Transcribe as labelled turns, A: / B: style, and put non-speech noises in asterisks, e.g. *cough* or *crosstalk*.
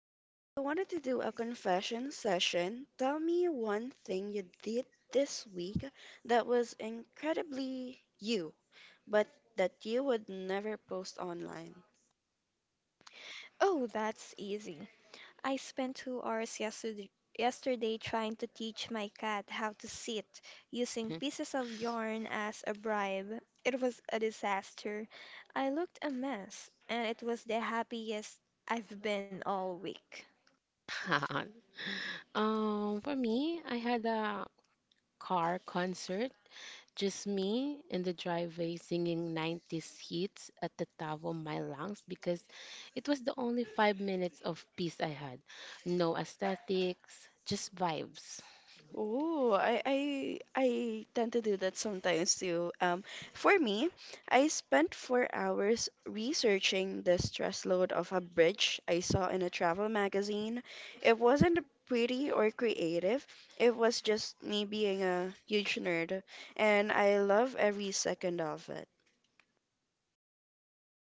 A: I wanted to do a confession session. Tell me one thing you did this week that was incredibly you, but that you would never post online.
B: Oh, that's easy. I spent 2 hours yesterday trying to teach my cat how to sit using pieces of yarn as a bribe. It was a disaster. I looked a mess, and it was the happiest I've been all week.
C: *laughs* For me, I had a car concert, just me in the driveway singing 90s hits at the top of my lungs because it was the only 5 minutes of peace I had. No aesthetics, just vibes.
A: Oh, I tend to do that sometimes too. For me, I spent 4 hours researching the stress load of a bridge I saw in a travel magazine. It wasn't pretty or creative. It was just me being a huge nerd, and I love every second of it.